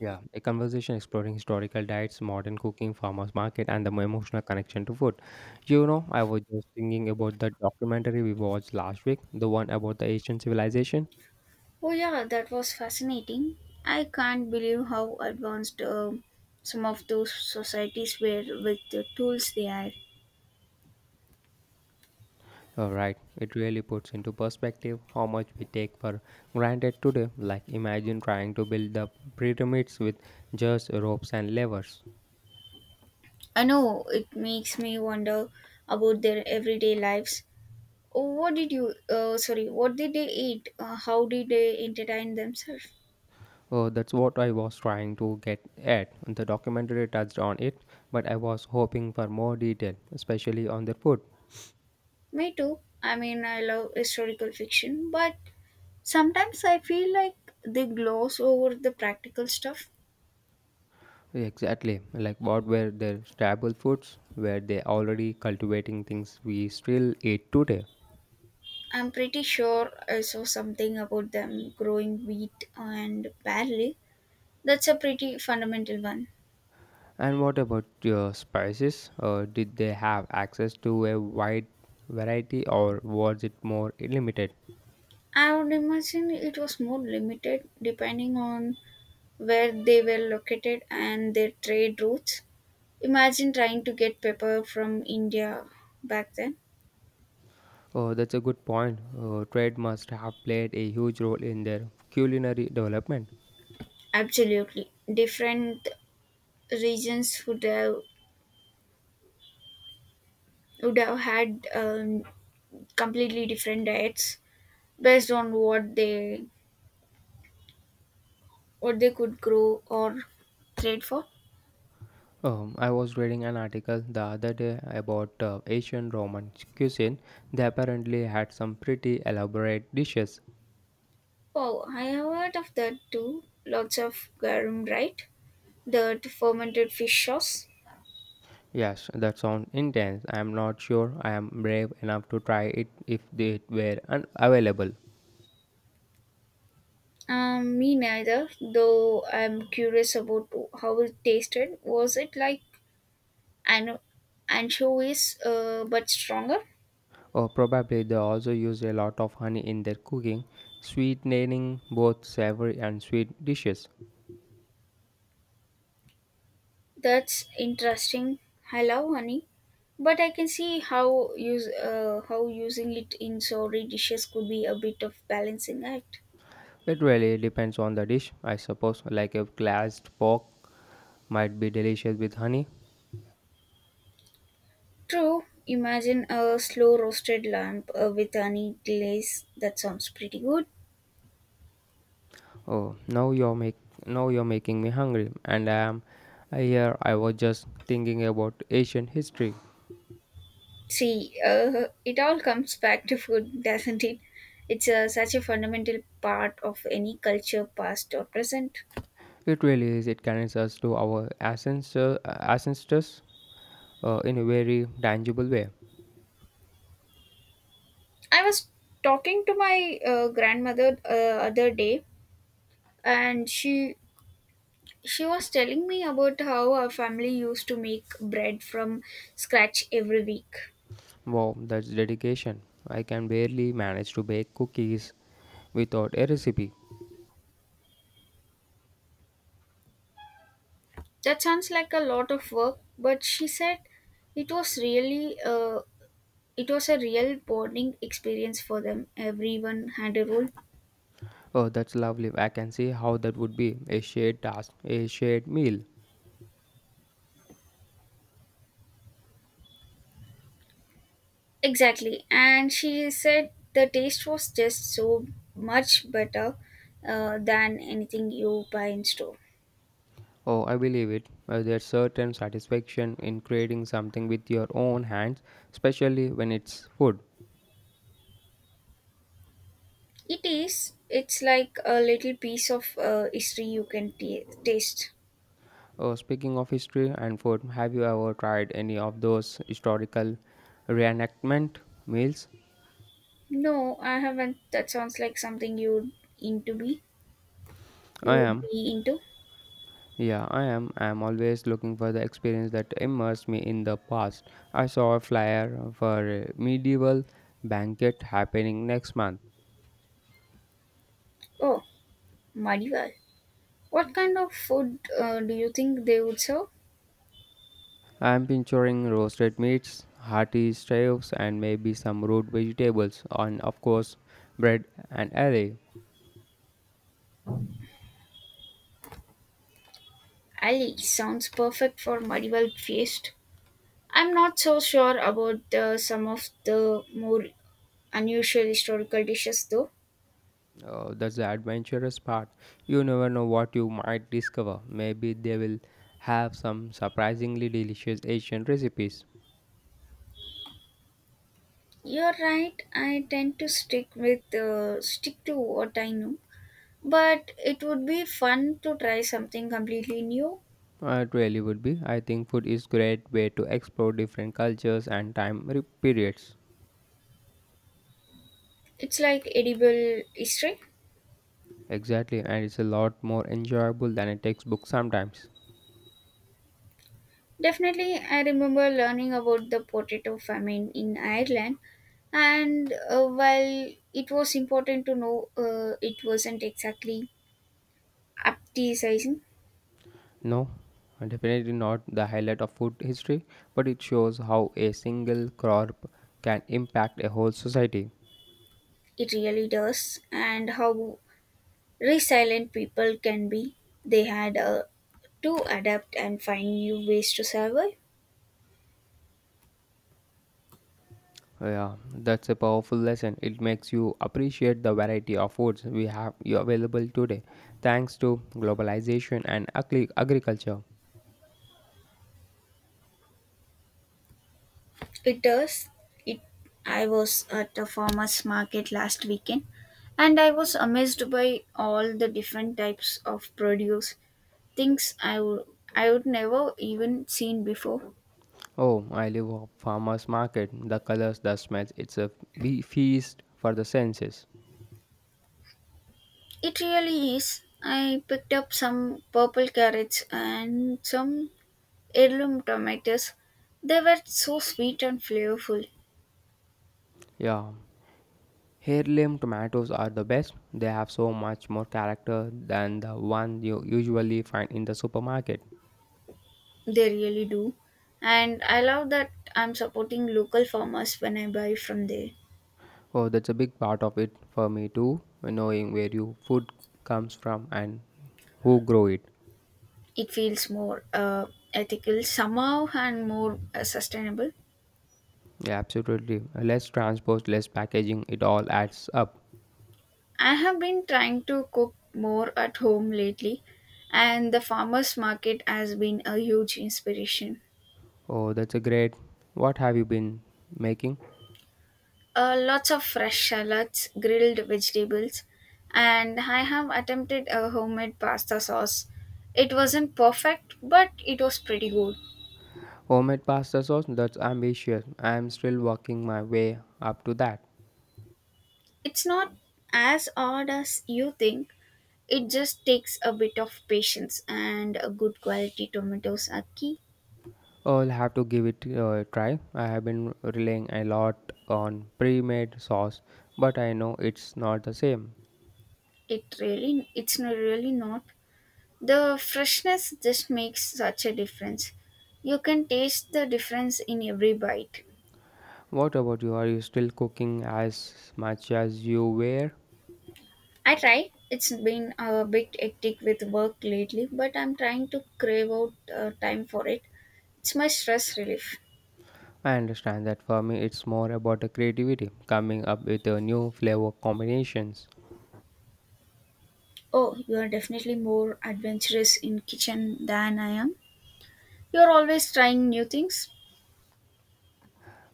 Yeah, a conversation exploring historical diets, modern cooking, farmers market, and the emotional connection to food. You know, I was just thinking about the documentary we watched last week, the one about the Asian civilization. Oh, yeah, that was fascinating. I can't believe how advanced some of those societies were with the tools they had. All right, it really puts into perspective how much we take for granted today. Like, imagine trying to build the pyramids with just ropes and levers. I know it makes me wonder about their everyday lives. Oh, what did sorry, what did they eat? How did they entertain themselves? Oh, that's what I was trying to get at. The documentary touched on it, but I was hoping for more detail, especially on their food. Me too. I mean, I love historical fiction, but sometimes I feel like they gloss over the practical stuff. Exactly. Like what were their staple foods? Were they already cultivating things we still eat today? I'm pretty sure I saw something about them growing wheat and barley. That's a pretty fundamental one. And what about your spices? Did they have access to a wide variety or was it more limited? I would imagine it was more limited depending on where they were located and their trade routes. Imagine trying to get pepper from India back then. Oh, that's a good point. Trade must have played a huge role in their culinary development. Absolutely. Different regions would have, would have had completely different diets based on what they could grow or trade for. I was reading an article the other day about Asian Roman cuisine. They apparently had some pretty elaborate dishes. Oh, I have heard of that too. Lots of garum, right? That fermented fish sauce. Yes, that sounds intense. I am not sure I am brave enough to try it if they were unavailable. Me neither, though I'm curious about how it tasted. Was it like an- anchovies but stronger? Or probably they also use a lot of honey in their cooking, sweetening both savory and sweet dishes. That's interesting. I love honey, but I can see how use how using it in sorry dishes could be a bit of balancing act. It really depends on the dish, I suppose. Like a glazed pork might be delicious with honey. True, imagine a slow roasted lamb with honey glaze. That sounds pretty good. Oh, now you're making me hungry, and I am here. I was just thinking about ancient history. It all comes back to food, doesn't it? It's such a fundamental part of any culture, past or present. It really is. It connects us to our ancestors in a very tangible way. I was talking to my grandmother other day, and she was telling me about how our family used to make bread from scratch every week. Wow, that's dedication. I can barely manage to bake cookies without a recipe. That sounds like a lot of work, but she said it was really uh, it was a real bonding experience for them. Everyone had a role. Oh, that's lovely. I can see how that would be a shared task, a shared meal. Exactly. And she said the taste was just so much better than anything you buy in store. Oh, I believe it. There's certain satisfaction in creating something with your own hands, especially when it's food. It is. It's like a little piece of history you can ta taste. Oh, speaking of history and food, have you ever tried any of those historical reenactment meals? No, I haven't. That sounds like something you'd into be. I You'd am. be into. Yeah, I am. I am always looking for the experience that immerses me in the past. I saw a flyer for a medieval banquet happening next month. Oh, Madiwal. What kind of food do you think they would serve? I am picturing roasted meats, hearty stews, and maybe some root vegetables, and of course, bread and ale. Ali sounds perfect for Madiwal feast. I'm not so sure about some of the more unusual historical dishes, though. Oh, that's the adventurous part. You never know what you might discover. Maybe they will have some surprisingly delicious Asian recipes. You're right. I tend to stick to what I know, but it would be fun to try something completely new. It really would be. I think food is great way to explore different cultures and periods. It's like edible history. Exactly, and it's a lot more enjoyable than a textbook sometimes. Definitely, I remember learning about the potato famine in Ireland, and while it was important to know, it wasn't exactly appetizing. No, definitely not the highlight of food history, but it shows how a single crop can impact a whole society. It really does. And how resilient people can be. They had to adapt and find new ways to survive. Yeah, that's a powerful lesson. It makes you appreciate the variety of foods we have available today, thanks to globalization and agriculture. It does. It. I was at a farmer's market last weekend and I was amazed by all the different types of produce, things I would never even seen before. Oh, I live a farmer's market. The colors, the smells, it's a feast for the senses. It really is. I picked up some purple carrots and some heirloom tomatoes. They were so sweet and flavorful. Yeah. Heirloom tomatoes are the best. They have so much more character than the one you usually find in the supermarket. They really do. And I love that I'm supporting local farmers when I buy from there. Oh, that's a big part of it for me too, knowing where your food comes from and who grow it. It feels more ethical somehow and more sustainable. Yeah, absolutely. Less transport, less packaging, it all adds up. I have been trying to cook more at home lately, and the farmers market has been a huge inspiration. Oh, that's a great. What have you been making? Lots of fresh salads, grilled vegetables, and I have attempted a homemade pasta sauce. It wasn't perfect, but it was pretty good. Homemade pasta sauce? That's ambitious. I am still working my way up to that. It's not as hard as you think. It just takes a bit of patience and a good quality tomatoes are key. I'll have to give it a try. I have been relying a lot on pre made sauce, but I know it's not the same. It really, it's not really not. The freshness just makes such a difference. You can taste the difference in every bite. What about you? Are you still cooking as much as you were? I try. It's been a bit hectic with work lately, but I'm trying to crave out time for it. It's my stress relief. I understand that for me it's more about the creativity, coming up with a new flavor combinations. Oh, you are definitely more adventurous in kitchen than I am. You're always trying new things.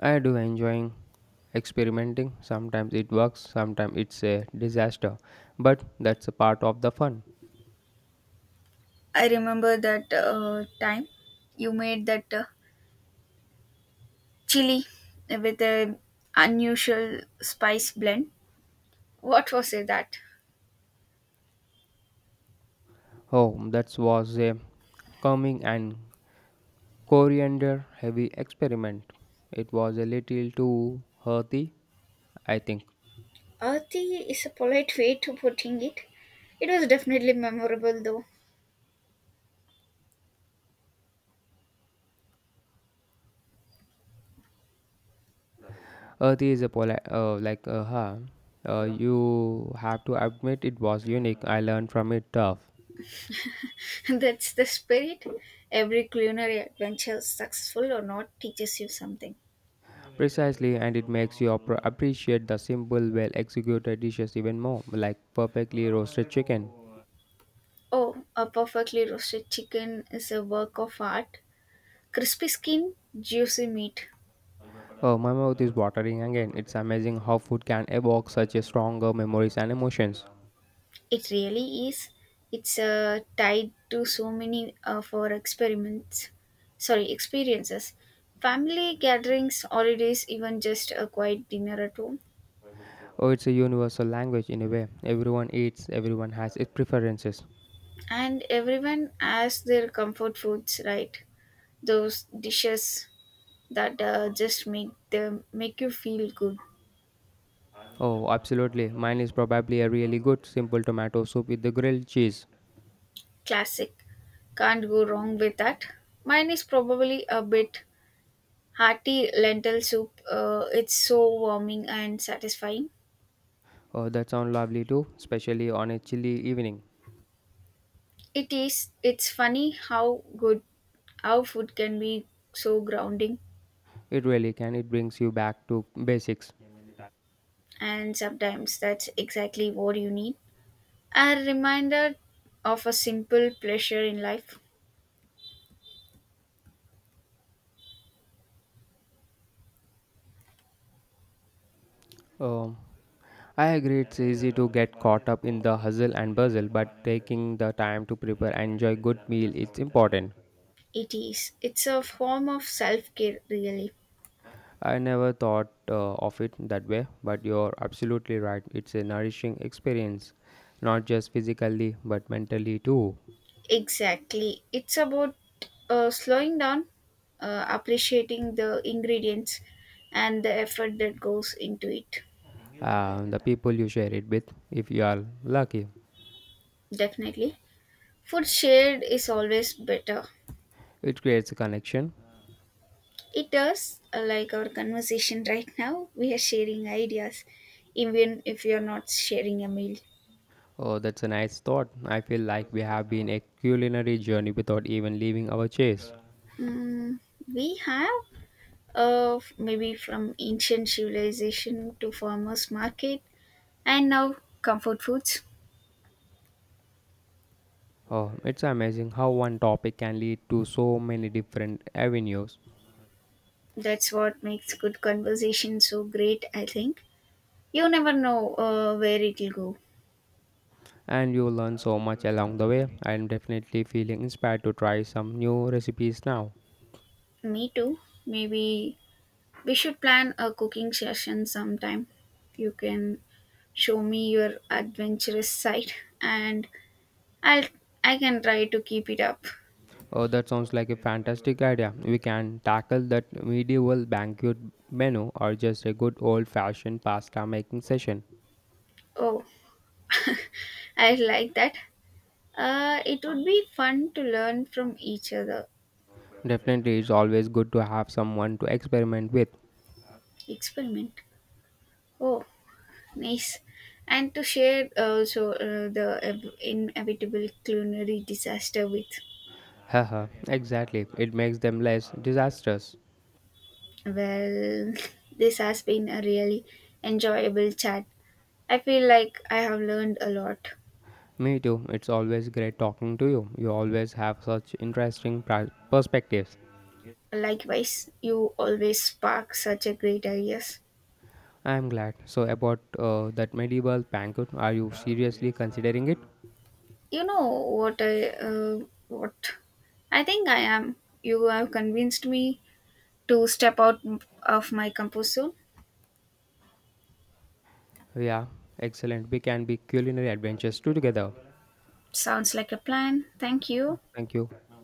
I do enjoying experimenting. Sometimes it works, sometimes it's a disaster. But that's a part of the fun. I remember that time you made that chili with an unusual spice blend. What was it that? Oh, that was a calming and coriander heavy experiment. It was a little too earthy, I think. Earthy is a polite way to putting it. It was definitely memorable though. Earthy is a pola like huh. You have to admit it was unique. I learned from it tough. That's the spirit. Every culinary adventure, successful or not, teaches you something. Precisely, and it makes you appreciate the simple, well executed dishes even more, like perfectly roasted chicken. Oh, a perfectly roasted chicken is a work of art. Crispy skin, juicy meat. Oh, my mouth is watering again. It's amazing how food can evoke such a stronger memories and emotions. It really is. It's tied to so many of our experiments. Sorry, experiences. Family gatherings, holidays, even just a quiet dinner at home. Oh, it's a universal language in a way. Everyone eats, everyone has its preferences. And everyone has their comfort foods, right? Those dishes that just make you feel good. Oh, absolutely. Mine is probably a really good simple tomato soup with the grilled cheese. Classic. Can't go wrong with that. Mine is probably a bit hearty lentil soup. It's so warming and satisfying. Oh, that sounds lovely too, especially on a chilly evening. It is. It's funny how food can be so grounding, It really can. It brings you back to basics. and sometimes that's exactly what you need. A reminder of a simple pleasure in life. Um, I agree it's easy to get caught up in the hustle and bustle, but taking the time to prepare and enjoy good meal is important. It is. It's a form of self care, really. I never thought of it that way, but you're absolutely right. It's a nourishing experience, not just physically, but mentally too. Exactly. It's about slowing down, appreciating the ingredients and the effort that goes into it. The people you share it with, if you are lucky, Definitely. Food shared is always better. it creates a connection. It does, like our conversation right now, we are sharing ideas, even if we are not sharing a meal. Oh, that's a nice thought. I feel like we have been a culinary journey without even leaving our chairs. Mm, we have, maybe from ancient civilization to farmers market and now comfort foods. Oh, it's amazing how one topic can lead to so many different avenues, That's what makes good conversation so great, I think. You never know where it'll go. and you learn so much along the way. I'm definitely feeling inspired to try some new recipes now. Me too. Maybe we should plan a cooking session sometime. You can show me your adventurous side and I'll I can try to keep it up. Oh, that sounds like a fantastic idea. We can tackle that medieval banquet menu or just a good old fashioned pasta making session. Oh, I like that. It would be fun to learn from each other. Definitely, it's always good to have someone to experiment with. Experiment. Oh, nice. And to share also the inevitable culinary disaster with. Haha, exactly. It makes them less disastrous. Well, this has been a really enjoyable chat. I feel like I have learned a lot. Me too. It's always great talking to you. You always have such interesting perspectives. Likewise, you always spark such a great ideas. I'm glad. So, about that medieval banquet, are you seriously considering it? You know what I think I am. You have convinced me to step out of my comfort zone. Yeah, excellent. We can be culinary adventures too together. Sounds like a plan. Thank you. Thank you.